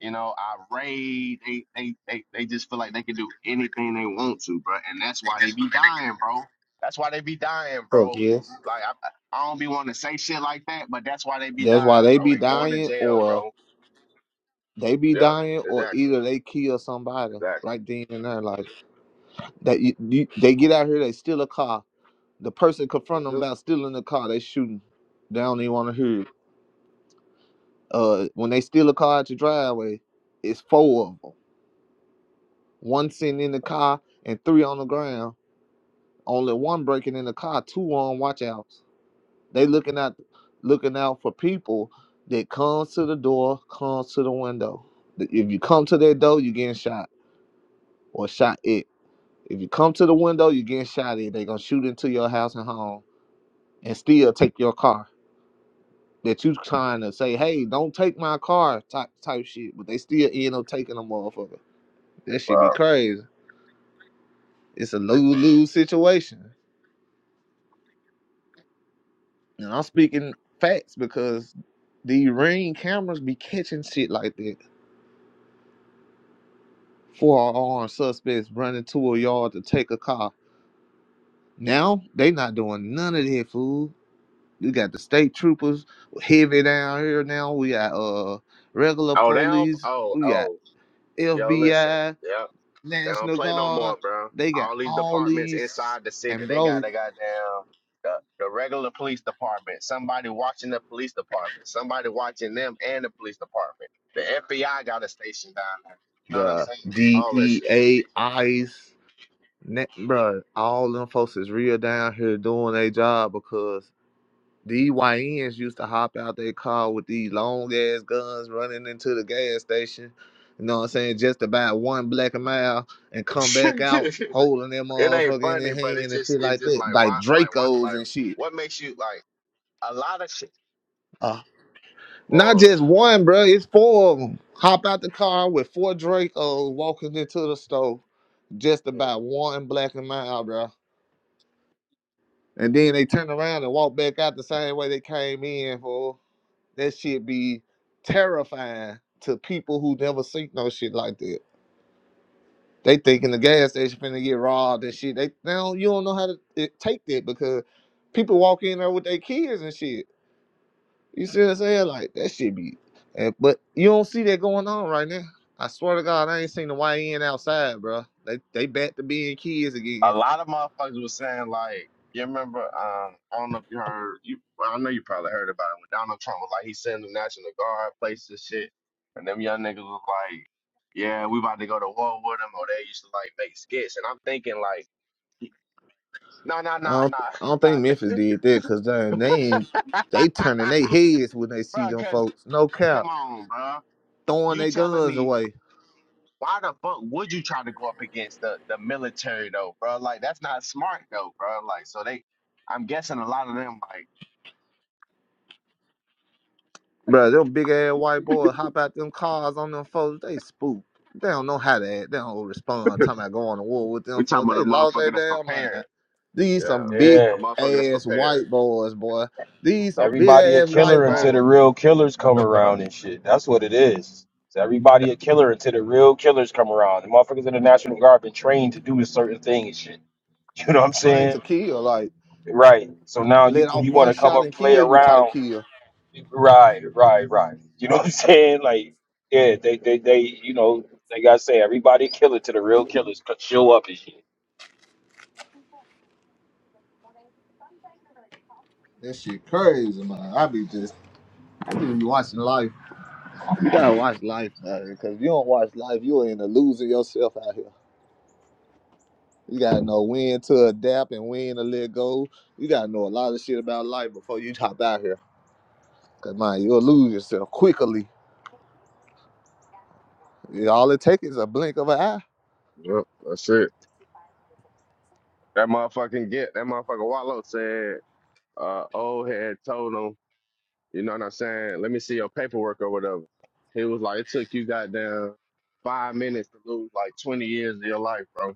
Speaker 3: you know, irate. They they they they just feel like they can do anything they want to, bro. And that's why they be dying, bro. That's why they be dying,
Speaker 2: Fuck
Speaker 3: bro.
Speaker 2: yes.
Speaker 3: Like I, I don't be wanting to say shit like that, but that's why they be
Speaker 2: That's why
Speaker 3: dying,
Speaker 2: they
Speaker 3: bro,
Speaker 2: be
Speaker 3: and going to
Speaker 2: dying,
Speaker 3: jail,
Speaker 2: or
Speaker 3: bro.
Speaker 2: they be
Speaker 3: Yeah,
Speaker 2: dying, or
Speaker 3: exactly,
Speaker 2: either they kill somebody
Speaker 3: exactly.
Speaker 2: right then and there. Like that, you, you- they get out here, they steal a car. The person confront them
Speaker 3: Mhm.
Speaker 2: about stealing the car, they shooting. They don't even want to hear. It. Uh, when they steal a car at your driveway, it's four of 'em. one sitting in the car and three on the ground. Only one breaking in the car, two on watchouts. They looking out looking out for people that comes to the door, comes to the window. If you come to their door, you getting shot or shot it. If you come to the window, you getting shot at. They gonna shoot into your house and home and still take your car. That you trying to say, hey, don't take my car type type shit, but they still end up taking a motherfucker. That should be
Speaker 3: Wow.
Speaker 2: crazy. It's a lose lose situation. And I'm speaking facts because the ring cameras be catching shit like that. Four armed suspects running to a yard to take a car. Now they not doing none of that fool. We got the state troopers heavy down here now. We got uh regular
Speaker 3: Oh, they don't.
Speaker 2: police.
Speaker 3: Oh,
Speaker 2: We got
Speaker 3: oh, yo, listen.
Speaker 2: FBI,
Speaker 3: Yep. They don't
Speaker 2: National
Speaker 3: play no
Speaker 2: Guard.
Speaker 3: more, bro.
Speaker 2: They got
Speaker 3: All these
Speaker 2: all
Speaker 3: departments
Speaker 2: these
Speaker 3: inside the city,
Speaker 2: and
Speaker 3: they
Speaker 2: bro,
Speaker 3: got a goddamn the, the regular police department, somebody watching the police department, somebody watching them and the police department. The FBI got a station down there. You know what I'm
Speaker 2: the
Speaker 3: saying? All that shit.
Speaker 2: DEA, ICE. Ne- Bruh, all them folks is real down here doing their job because these YNs used to hop out their car with these long ass guns running into the gas station. You know what I'm saying? Just to buy one black and mile and come back out holding their
Speaker 3: it ain't
Speaker 2: motherfucker in
Speaker 3: funny,
Speaker 2: their
Speaker 3: but
Speaker 2: hand
Speaker 3: it's
Speaker 2: and
Speaker 3: just
Speaker 2: shit
Speaker 3: it's
Speaker 2: like
Speaker 3: just
Speaker 2: that.
Speaker 3: like
Speaker 2: Like
Speaker 3: why like why
Speaker 2: Dracos
Speaker 3: like
Speaker 2: and shit.
Speaker 3: what makes you like a lot of shit.
Speaker 2: Uh, not
Speaker 3: Whoa.
Speaker 2: just one, bro. It's four of them. Hop out the car with four Dracos walking into the store just to buy one black and mile, bro. And then they turn around and walk back out the same way they came in for that shit be terrifying to people who never seen no shit like that. They thinking the gas station finna get robbed and shit. They, they don't you don't know how to it, take that because people walk in there with their kids and shit. You see what I'm saying? Like that shit be and, but you don't see that going on right now. I swear to God, I ain't seen the YN outside, bro. They they back to being kids again.
Speaker 3: a lot of motherfuckers was saying like, you remember? Um, I don't know if you heard. You, well, I know you probably heard about it when Donald Trump was like, he sent the National Guard places and shit, and them young niggas was like, yeah, we about to go to war with them, or they used to like make skits, and I'm thinking like, no, no,
Speaker 2: I
Speaker 3: no,
Speaker 2: don't, I don't think Memphis
Speaker 3: no,
Speaker 2: did that because they they ain't-
Speaker 3: no,
Speaker 2: they turning their heads when they
Speaker 3: bro,
Speaker 2: see them
Speaker 3: cause
Speaker 2: folks. No
Speaker 3: come
Speaker 2: cap,
Speaker 3: on, bro,
Speaker 2: throwing
Speaker 3: you
Speaker 2: their
Speaker 3: telling
Speaker 2: guns
Speaker 3: me.
Speaker 2: away.
Speaker 3: Why the fuck would you try to go up against the, the military though, bro? Like that's not smart though, bro. Like so they, I'm guessing a lot of them like
Speaker 2: Bro, them big ass white boys hop out them cars on them folks. They spooked. They don't know how to act. They don't respond. Talking about going to war with them
Speaker 3: We
Speaker 2: folks.
Speaker 3: talking about a
Speaker 2: They lost their
Speaker 3: motherfucker that's
Speaker 2: damn
Speaker 3: prepared.
Speaker 2: mind. These
Speaker 3: Yeah,
Speaker 2: some big
Speaker 5: Yeah,
Speaker 3: a motherfucker that's
Speaker 2: ass
Speaker 3: prepared.
Speaker 2: white boys, boy. These some big
Speaker 5: everybody a
Speaker 2: ass
Speaker 3: That's a
Speaker 5: killer
Speaker 2: white
Speaker 5: until
Speaker 3: fact.
Speaker 5: the
Speaker 2: boys
Speaker 5: real killers
Speaker 3: That's
Speaker 5: come
Speaker 3: a
Speaker 5: around
Speaker 3: fact.
Speaker 5: and shit. That's what it is. It's everybody a killer until the real killers come around. The motherfuckers in the National Guard been trained to do a certain thing and shit. You know what I'm
Speaker 2: trying
Speaker 5: saying?
Speaker 2: to kill. Like
Speaker 5: Right. So now you
Speaker 2: let off
Speaker 5: you want
Speaker 2: one
Speaker 5: to come
Speaker 2: shot
Speaker 5: up
Speaker 2: and
Speaker 5: play
Speaker 2: kill you type
Speaker 5: around?
Speaker 2: kill.
Speaker 5: Right, right, right. You know what I'm saying? Like, yeah, they they they you know like I say, everybody a killer till the real killers co- show up and shit.
Speaker 2: That shit crazy, man. I be just I just be watching life. You gotta watch life, man. Because if you don't watch life, you are in the losing yourself out here. You gotta know when to adapt and when to let go. You gotta know a lot of shit about life before you hop out here. Cause man, you'll lose yourself quickly. Yeah, All it takes is a blink of an eye,
Speaker 3: Yep, that's it. That motherfucking get that motherfucker Wallow said. Uh, old head told him, you know what I'm saying? Let me see your paperwork or whatever. He was like, it took you goddamn five minutes to lose like 20 years of your life, bro.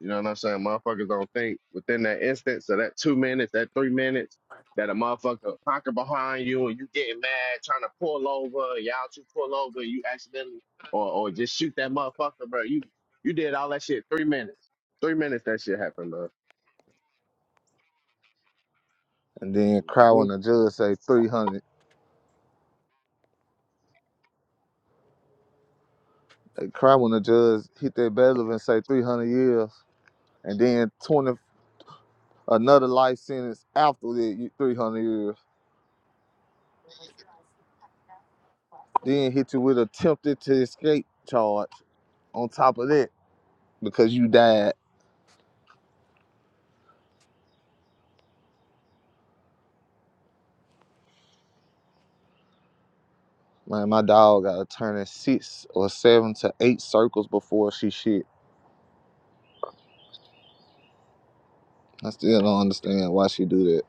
Speaker 3: You know what I'm saying? Motherfuckers don't think within that instance of that two minutes, that three minutes, that a motherfucker pocket behind you and you getting mad, trying to pull over, y'all to pull over, you accidentally or or just shoot that motherfucker, bro. You you did all that shit three minutes. Three minutes that shit happened, bro.
Speaker 2: and then cry
Speaker 3: hmm
Speaker 2: when the judge say three hundred. uh, Cry when the judge hit that bailiff and say three hundred years, and then twenty another life sentence after that three hundred years. Then hit you with attempted to escape charge on top of that because you died. Man, my dog gotta turn in six or seven to eight circles before she shit. I still don't understand why she do that.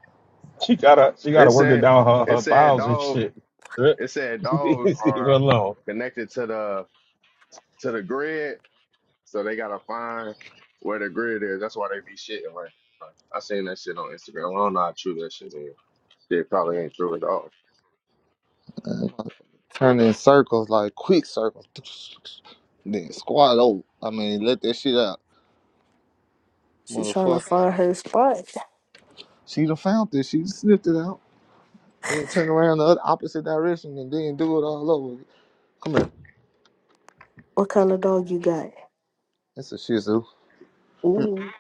Speaker 5: She gotta she gotta
Speaker 3: It
Speaker 5: work it
Speaker 3: said
Speaker 5: down her,
Speaker 3: it
Speaker 5: her
Speaker 3: said
Speaker 5: bowels and
Speaker 3: dog
Speaker 5: shit.
Speaker 3: it said dogs
Speaker 5: Leave her
Speaker 3: are
Speaker 5: alone.
Speaker 3: connected to the to the grid So they gotta find where the grid is. That's why they be shitting right now. I seen that shit on Instagram. I don't know how true that shit is. It probably ain't true at all.
Speaker 2: Man, turn in circles like quick circles, then squat over. I mean, let that shit out,
Speaker 6: She trying to
Speaker 2: motherfucker.
Speaker 6: find her spot.
Speaker 2: She done found this. She sniffed it out, then turn around the other opposite direction and then do it all over. again. Come here.
Speaker 6: What kind of dog you got?
Speaker 2: That's a Shih Tzu.
Speaker 6: Ooh,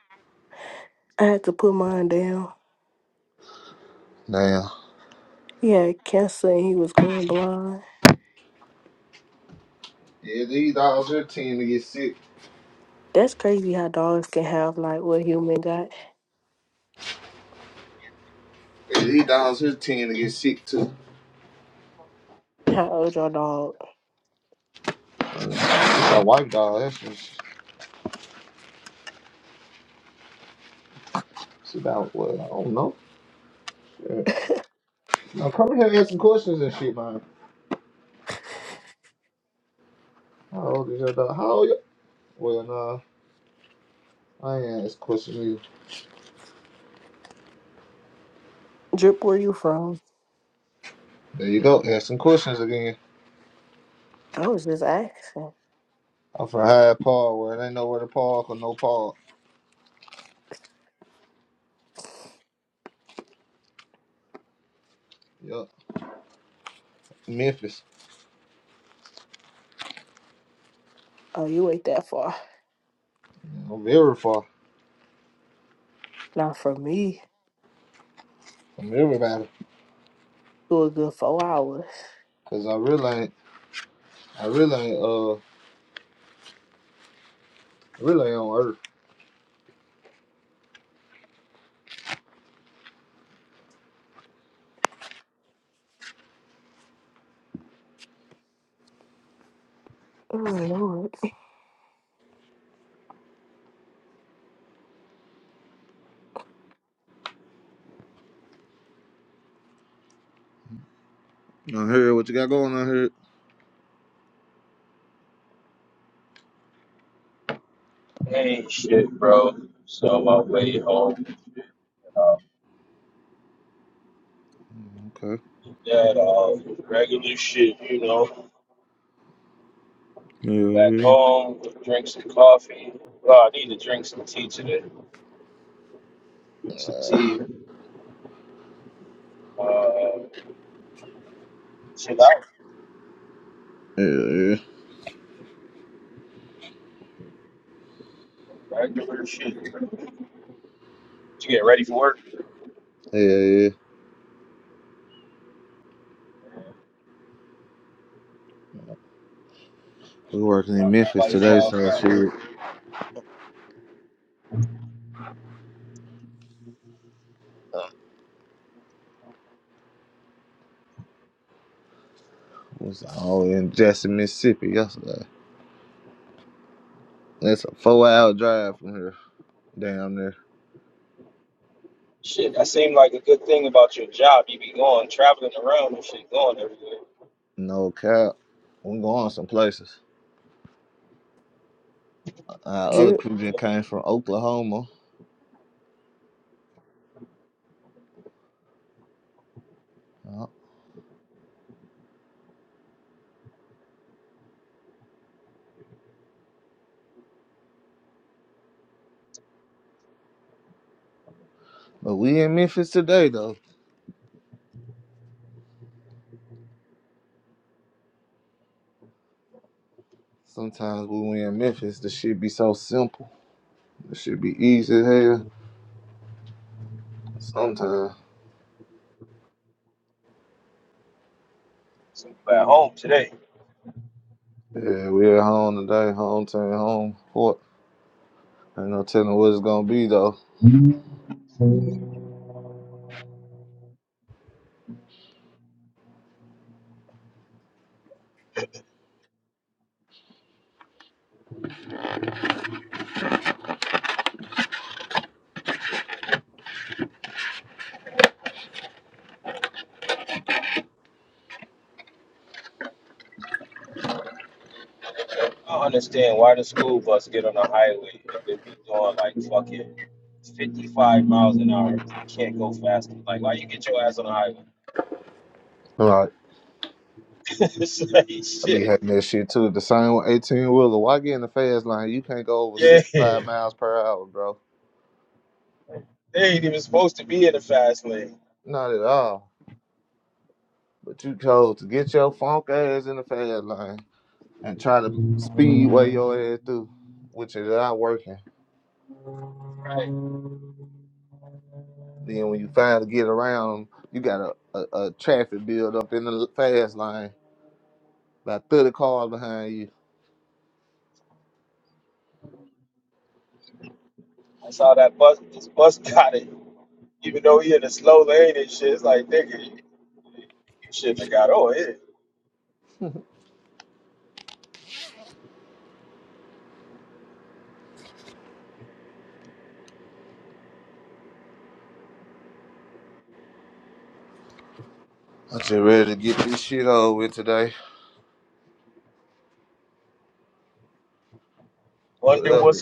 Speaker 6: I had to put mine down.
Speaker 2: Damn.
Speaker 6: He had cancer and he was going blind.
Speaker 2: Yeah, these dogs here tend to get sick.
Speaker 6: That's crazy how dogs can have like what human got.
Speaker 2: Yeah, these dogs here tend to get sick too.
Speaker 6: How old your dog?
Speaker 2: My white dog, that's just, she about what I don't know. I'm coming here asking questions and shit, man. How old is your dog? How old? You? Well, no, I ain't asking questions either.
Speaker 6: Drip, where you from?
Speaker 2: There you go, asking questions again.
Speaker 6: I was just asking.
Speaker 2: I'm from Hyde Park, where they know where to park or no park. Yup, Memphis.
Speaker 6: Oh, you ain't that far.
Speaker 2: I'm very far
Speaker 6: Not from me.
Speaker 2: from everybody,
Speaker 6: It was a good four hours.
Speaker 2: cause I really ain't, I really ain't, uh, really ain't on Earth.
Speaker 6: Oh, Lord.
Speaker 2: I hear what you got going on here. Okay. Yeah, yeah, yeah, yeah, yeah. yeah. We working in Memphis today, so shit. was all in Jackson, Mississippi yesterday. It's a four hour drive from here, down there. No cap. We going some places. Our other
Speaker 6: drip.
Speaker 2: crew just came from Oklahoma. Uh, But we in Memphis today though. Sometimes when we in Memphis, the shit be so simple. The shit be easy as hell. Sometimes.
Speaker 5: So you at home today.
Speaker 2: Yeah, we at home today, home team, home court. Ain't no telling what it's gonna be though. Right.
Speaker 5: Like,
Speaker 2: I be
Speaker 5: Shit.
Speaker 2: having that shit too. The same with 18 wheeler. Why get in the fast lane? You can't go over
Speaker 5: Yeah. They
Speaker 2: 65 miles per hour, bro.
Speaker 5: ain't even supposed to be in the fast lane.
Speaker 2: Not at all. But you chose to get your funk ass in the fast lane and try to speedway your ass through, which is not working. Then when you finally get around, you got a, a, a traffic build up in the fast lane, about 30 cars behind you.
Speaker 5: All that bus this bus got it. Even though he in the slow lane and shit, it's like nigga, you shouldn't have got on here.
Speaker 2: I'm just ready to get this shit over with today. Whatever,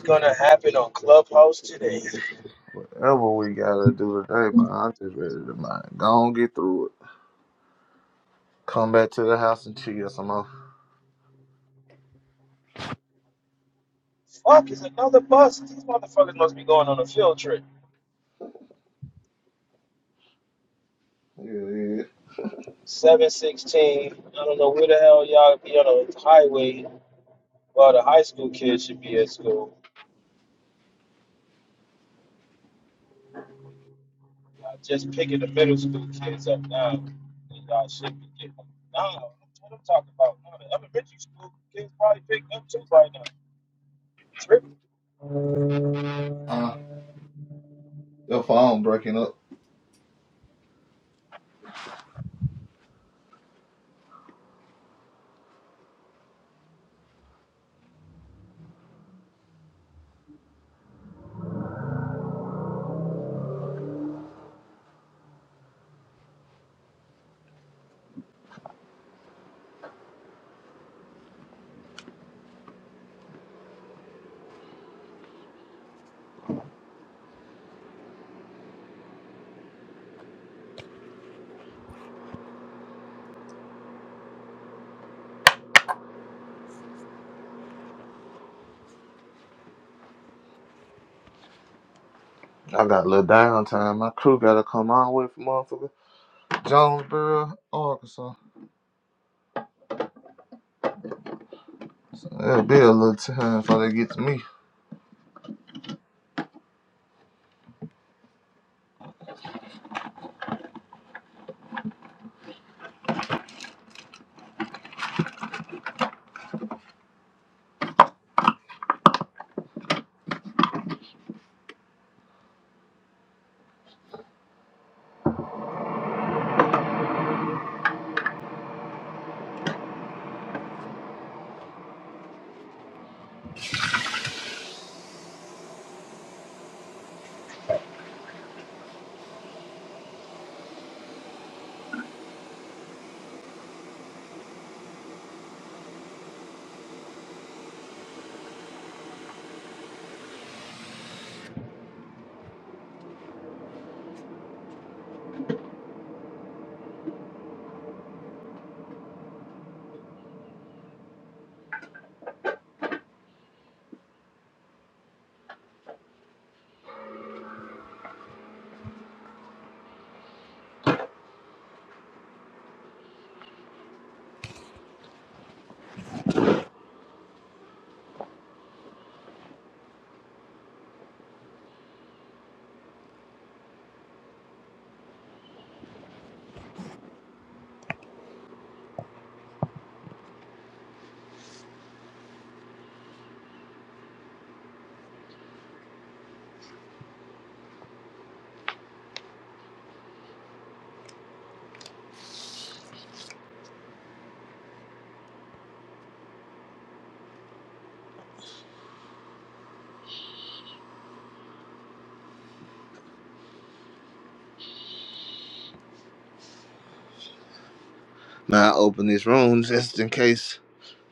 Speaker 2: whatever we gotta do today, man. I'm just ready to man, go on get through it. Come back to the house and chill some more. Yeah, yeah.
Speaker 5: Tripping.
Speaker 2: Uh, your phone breaking up. I got a little downtime. My crew gotta come all the way from motherfucker Jonesboro, Arkansas. So it'll be a little time before they get to me. Now I open this room just in case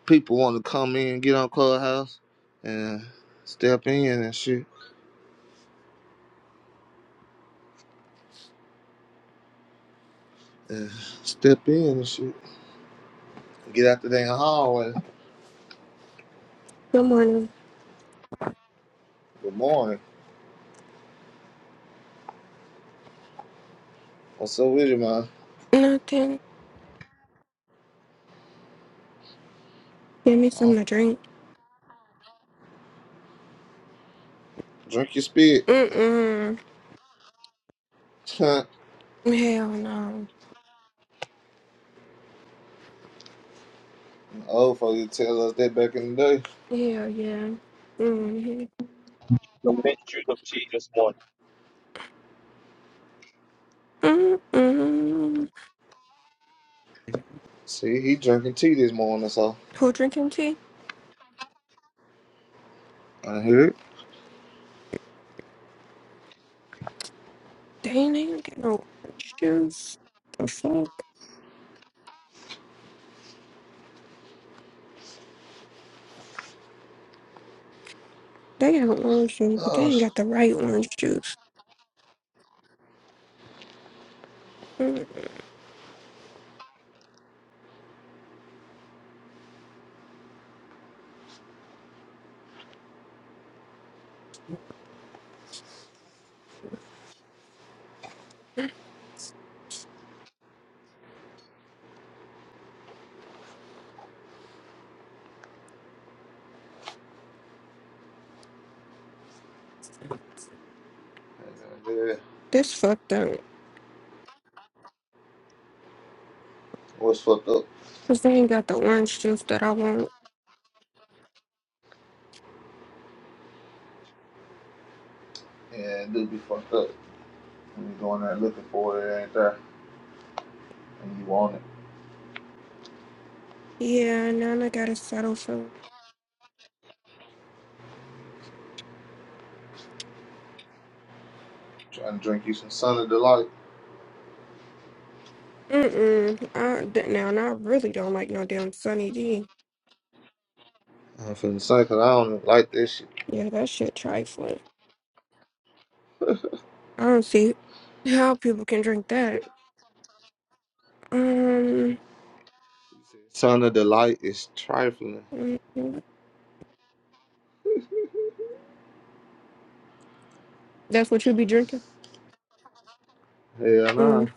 Speaker 2: people want to come in, get on Clubhouse, and step in and shit. And step in and shit. Get out the damn hallway.
Speaker 7: Good morning.
Speaker 2: Good morning. What's up with you, man?
Speaker 7: Nothing. Give me
Speaker 2: Uh,
Speaker 7: something to drink.
Speaker 2: drink your spit.
Speaker 7: Mm-mm.
Speaker 2: Huh.
Speaker 7: Hell no.
Speaker 2: Old folks used to tell us that back in the day.
Speaker 7: Hell yeah. Mm-hmm. Mm-mm.
Speaker 2: See, he drinking tea this morning, so
Speaker 7: Who drinking tea?
Speaker 2: I hear it.
Speaker 7: They ain't even got no orange juice. The fuck? They got orange juice, but they
Speaker 2: Oh,
Speaker 7: ain't
Speaker 2: shit.
Speaker 7: got the right orange juice. Mm-mm.
Speaker 2: Yeah.
Speaker 7: This fucked up.
Speaker 2: What's fucked up?
Speaker 7: Cause they ain't got the orange juice that I want.
Speaker 2: Yeah, it do be fucked up. When you going there looking for it, it ain't there. And you want it.
Speaker 7: Yeah, now I gotta settle for.
Speaker 2: Trying to drink you some Sun of Delight.
Speaker 7: Mm-mm. I, d- now, now I really don't like no damn Sunny D.
Speaker 2: I'm feeling say, because I don't even like this shit.
Speaker 7: Yeah, that shit trifling. I don't see how people can drink that. Um,
Speaker 2: Sun of Delight is trifling.
Speaker 7: mm, mm, that's what you be drinking.
Speaker 2: Hell nah.
Speaker 7: Mm,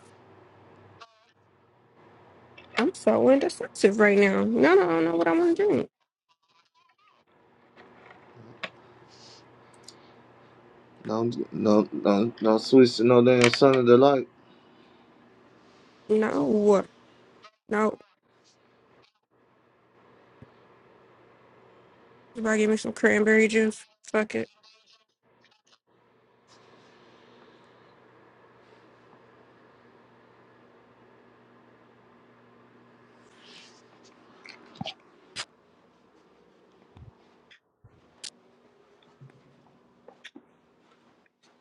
Speaker 7: I'm so indecisive right now. No, no, I don't know what I want to drink.
Speaker 2: No, no, no, no switch to no damn sun of Delight.
Speaker 7: No, no. Somebody give me some cranberry juice. Fuck it.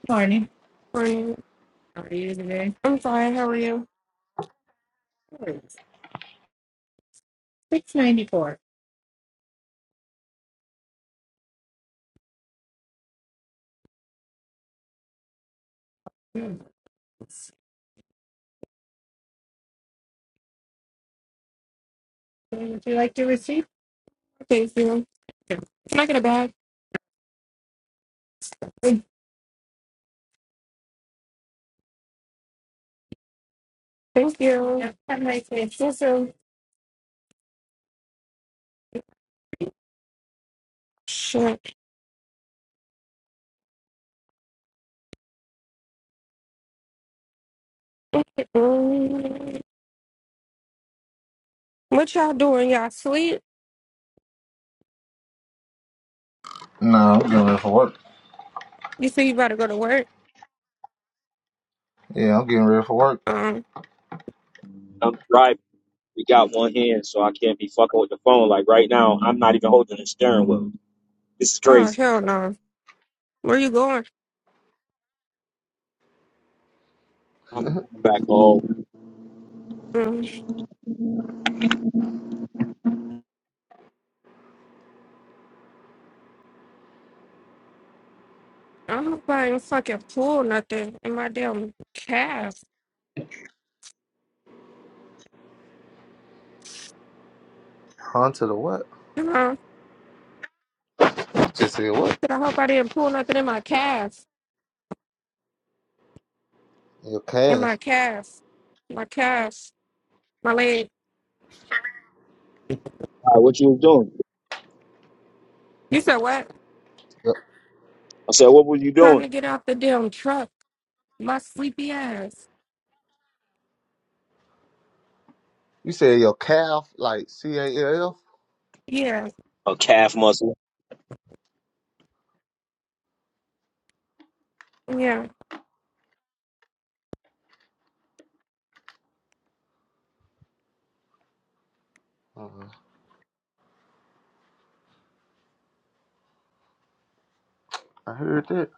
Speaker 7: Morning. Morning. How are you today? I'm fine. How are you? Six ninety four. Would you like to receive? Thank you. Can I get a bag? Thank you. Yep. Have a nice day. Yes, sir. Shit. Mm. What y'all doing? Y'all sleep?
Speaker 2: Nah, I'm getting ready for work.
Speaker 7: You say you about to go to work?
Speaker 2: Yeah, I'm getting ready for work.
Speaker 7: Um.
Speaker 5: I'm driving. I'm not even holding the steering wheel. This is
Speaker 7: Oh
Speaker 5: crazy.
Speaker 7: hell no. Where you going?
Speaker 5: I'm back home.
Speaker 7: Um, I hope I didn't fucking pull nothing in my damn calf.
Speaker 2: On to the what?
Speaker 7: You know.
Speaker 2: Just said what?
Speaker 7: Said, I hope I didn't pull nothing in my calf.
Speaker 2: Your
Speaker 7: In my
Speaker 2: calves.
Speaker 7: calf. My calf. My leg.
Speaker 5: All right, what you was doing?
Speaker 7: You said what?
Speaker 2: Your-
Speaker 5: I said, what were you
Speaker 7: Trying
Speaker 5: doing?
Speaker 7: to get out the damn truck. My sleepy ass.
Speaker 2: You said your calf, like C A L
Speaker 7: Yeah.
Speaker 5: A calf muscle.
Speaker 7: Yeah.
Speaker 2: F? Uh, I heard that.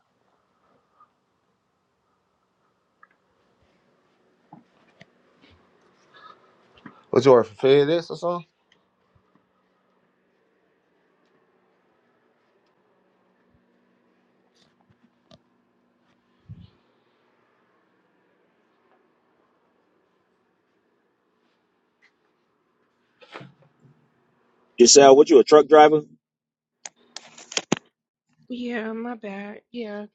Speaker 2: What you work for FedEx or something?
Speaker 5: You said, what you a truck driver?
Speaker 7: Yeah, my bad. Yeah.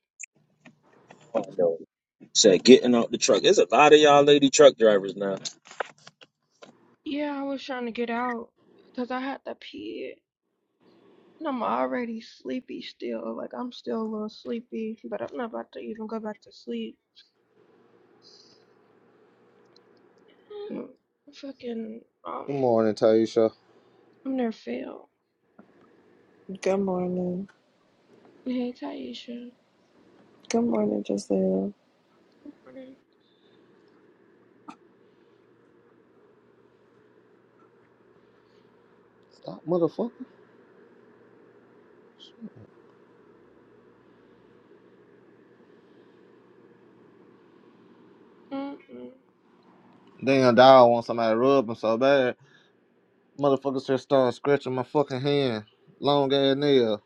Speaker 7: Yeah, I was trying to get out because I had to pee. And I'm already sleepy still. Like I'm still a little sleepy, but I'm not about to even go back to sleep. Mm, Fucking um,
Speaker 2: Good morning, Taisha.
Speaker 7: I'm near fail.
Speaker 8: Good morning.
Speaker 7: Hey Taisha.
Speaker 8: Good morning, Giselle.
Speaker 7: Morning.
Speaker 2: Stop, motherfucker.
Speaker 7: Mm-mm.
Speaker 2: Damn dog want somebody to rub him so bad. Motherfuckers just started scratching my fucking hand. Long ass nail.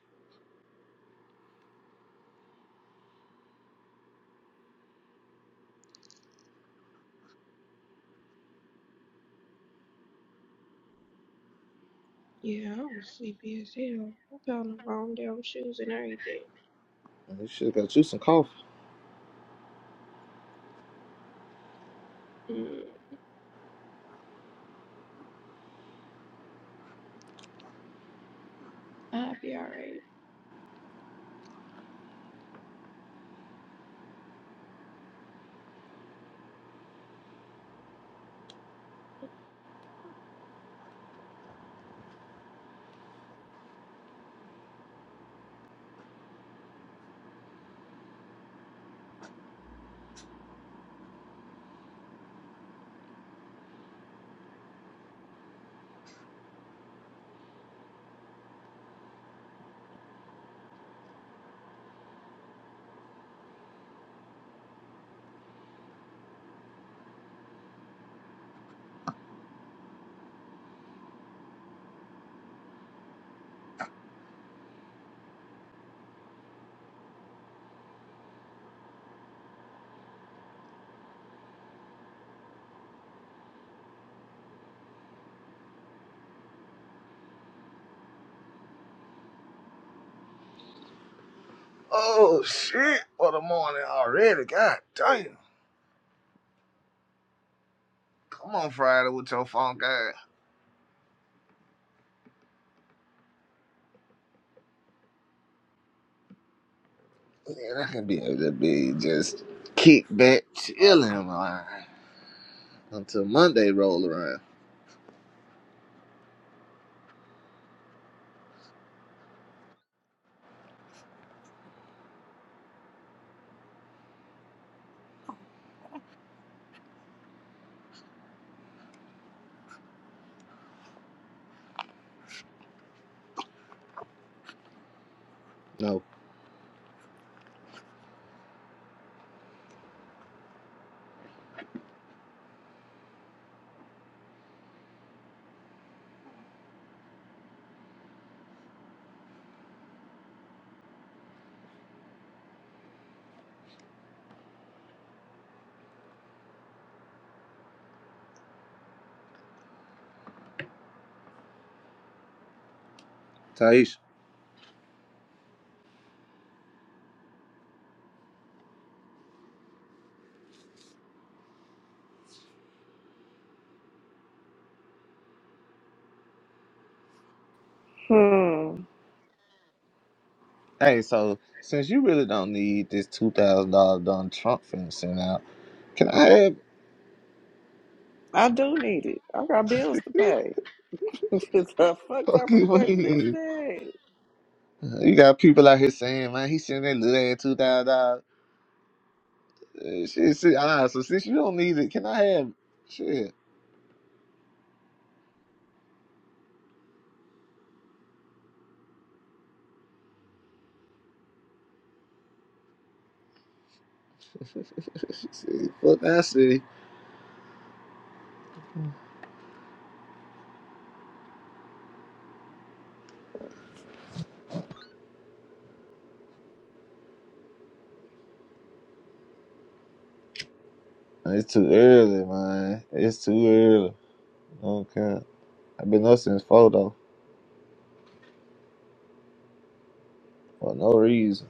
Speaker 7: Yeah, I was sleepy as hell. I found the wrong damn shoes and everything.
Speaker 2: This shit got you some coffee.
Speaker 7: Mm, I'd be alright.
Speaker 2: Oh shit. What a morning already. God damn. Come on Friday with your phone guy. Man, I can be able to be just kick back chilling man, until Monday roll around. No. Taisha.
Speaker 8: Hmm.
Speaker 2: Hey, so since you really don't need this two thousand dollar done Trump finna send out, can I have
Speaker 8: I do need it. I got bills to pay. the fuck
Speaker 2: fuck
Speaker 8: type of
Speaker 2: you
Speaker 8: question is that?
Speaker 2: You got people out here saying, man, he sending that little ass two thousand dollars. Eh, Shit, shit, ah, so since you don't need it, can I have shit? She said, fuck, I see. It's too early, man. It's too early. I don't care. I've been up since four though, for no reason.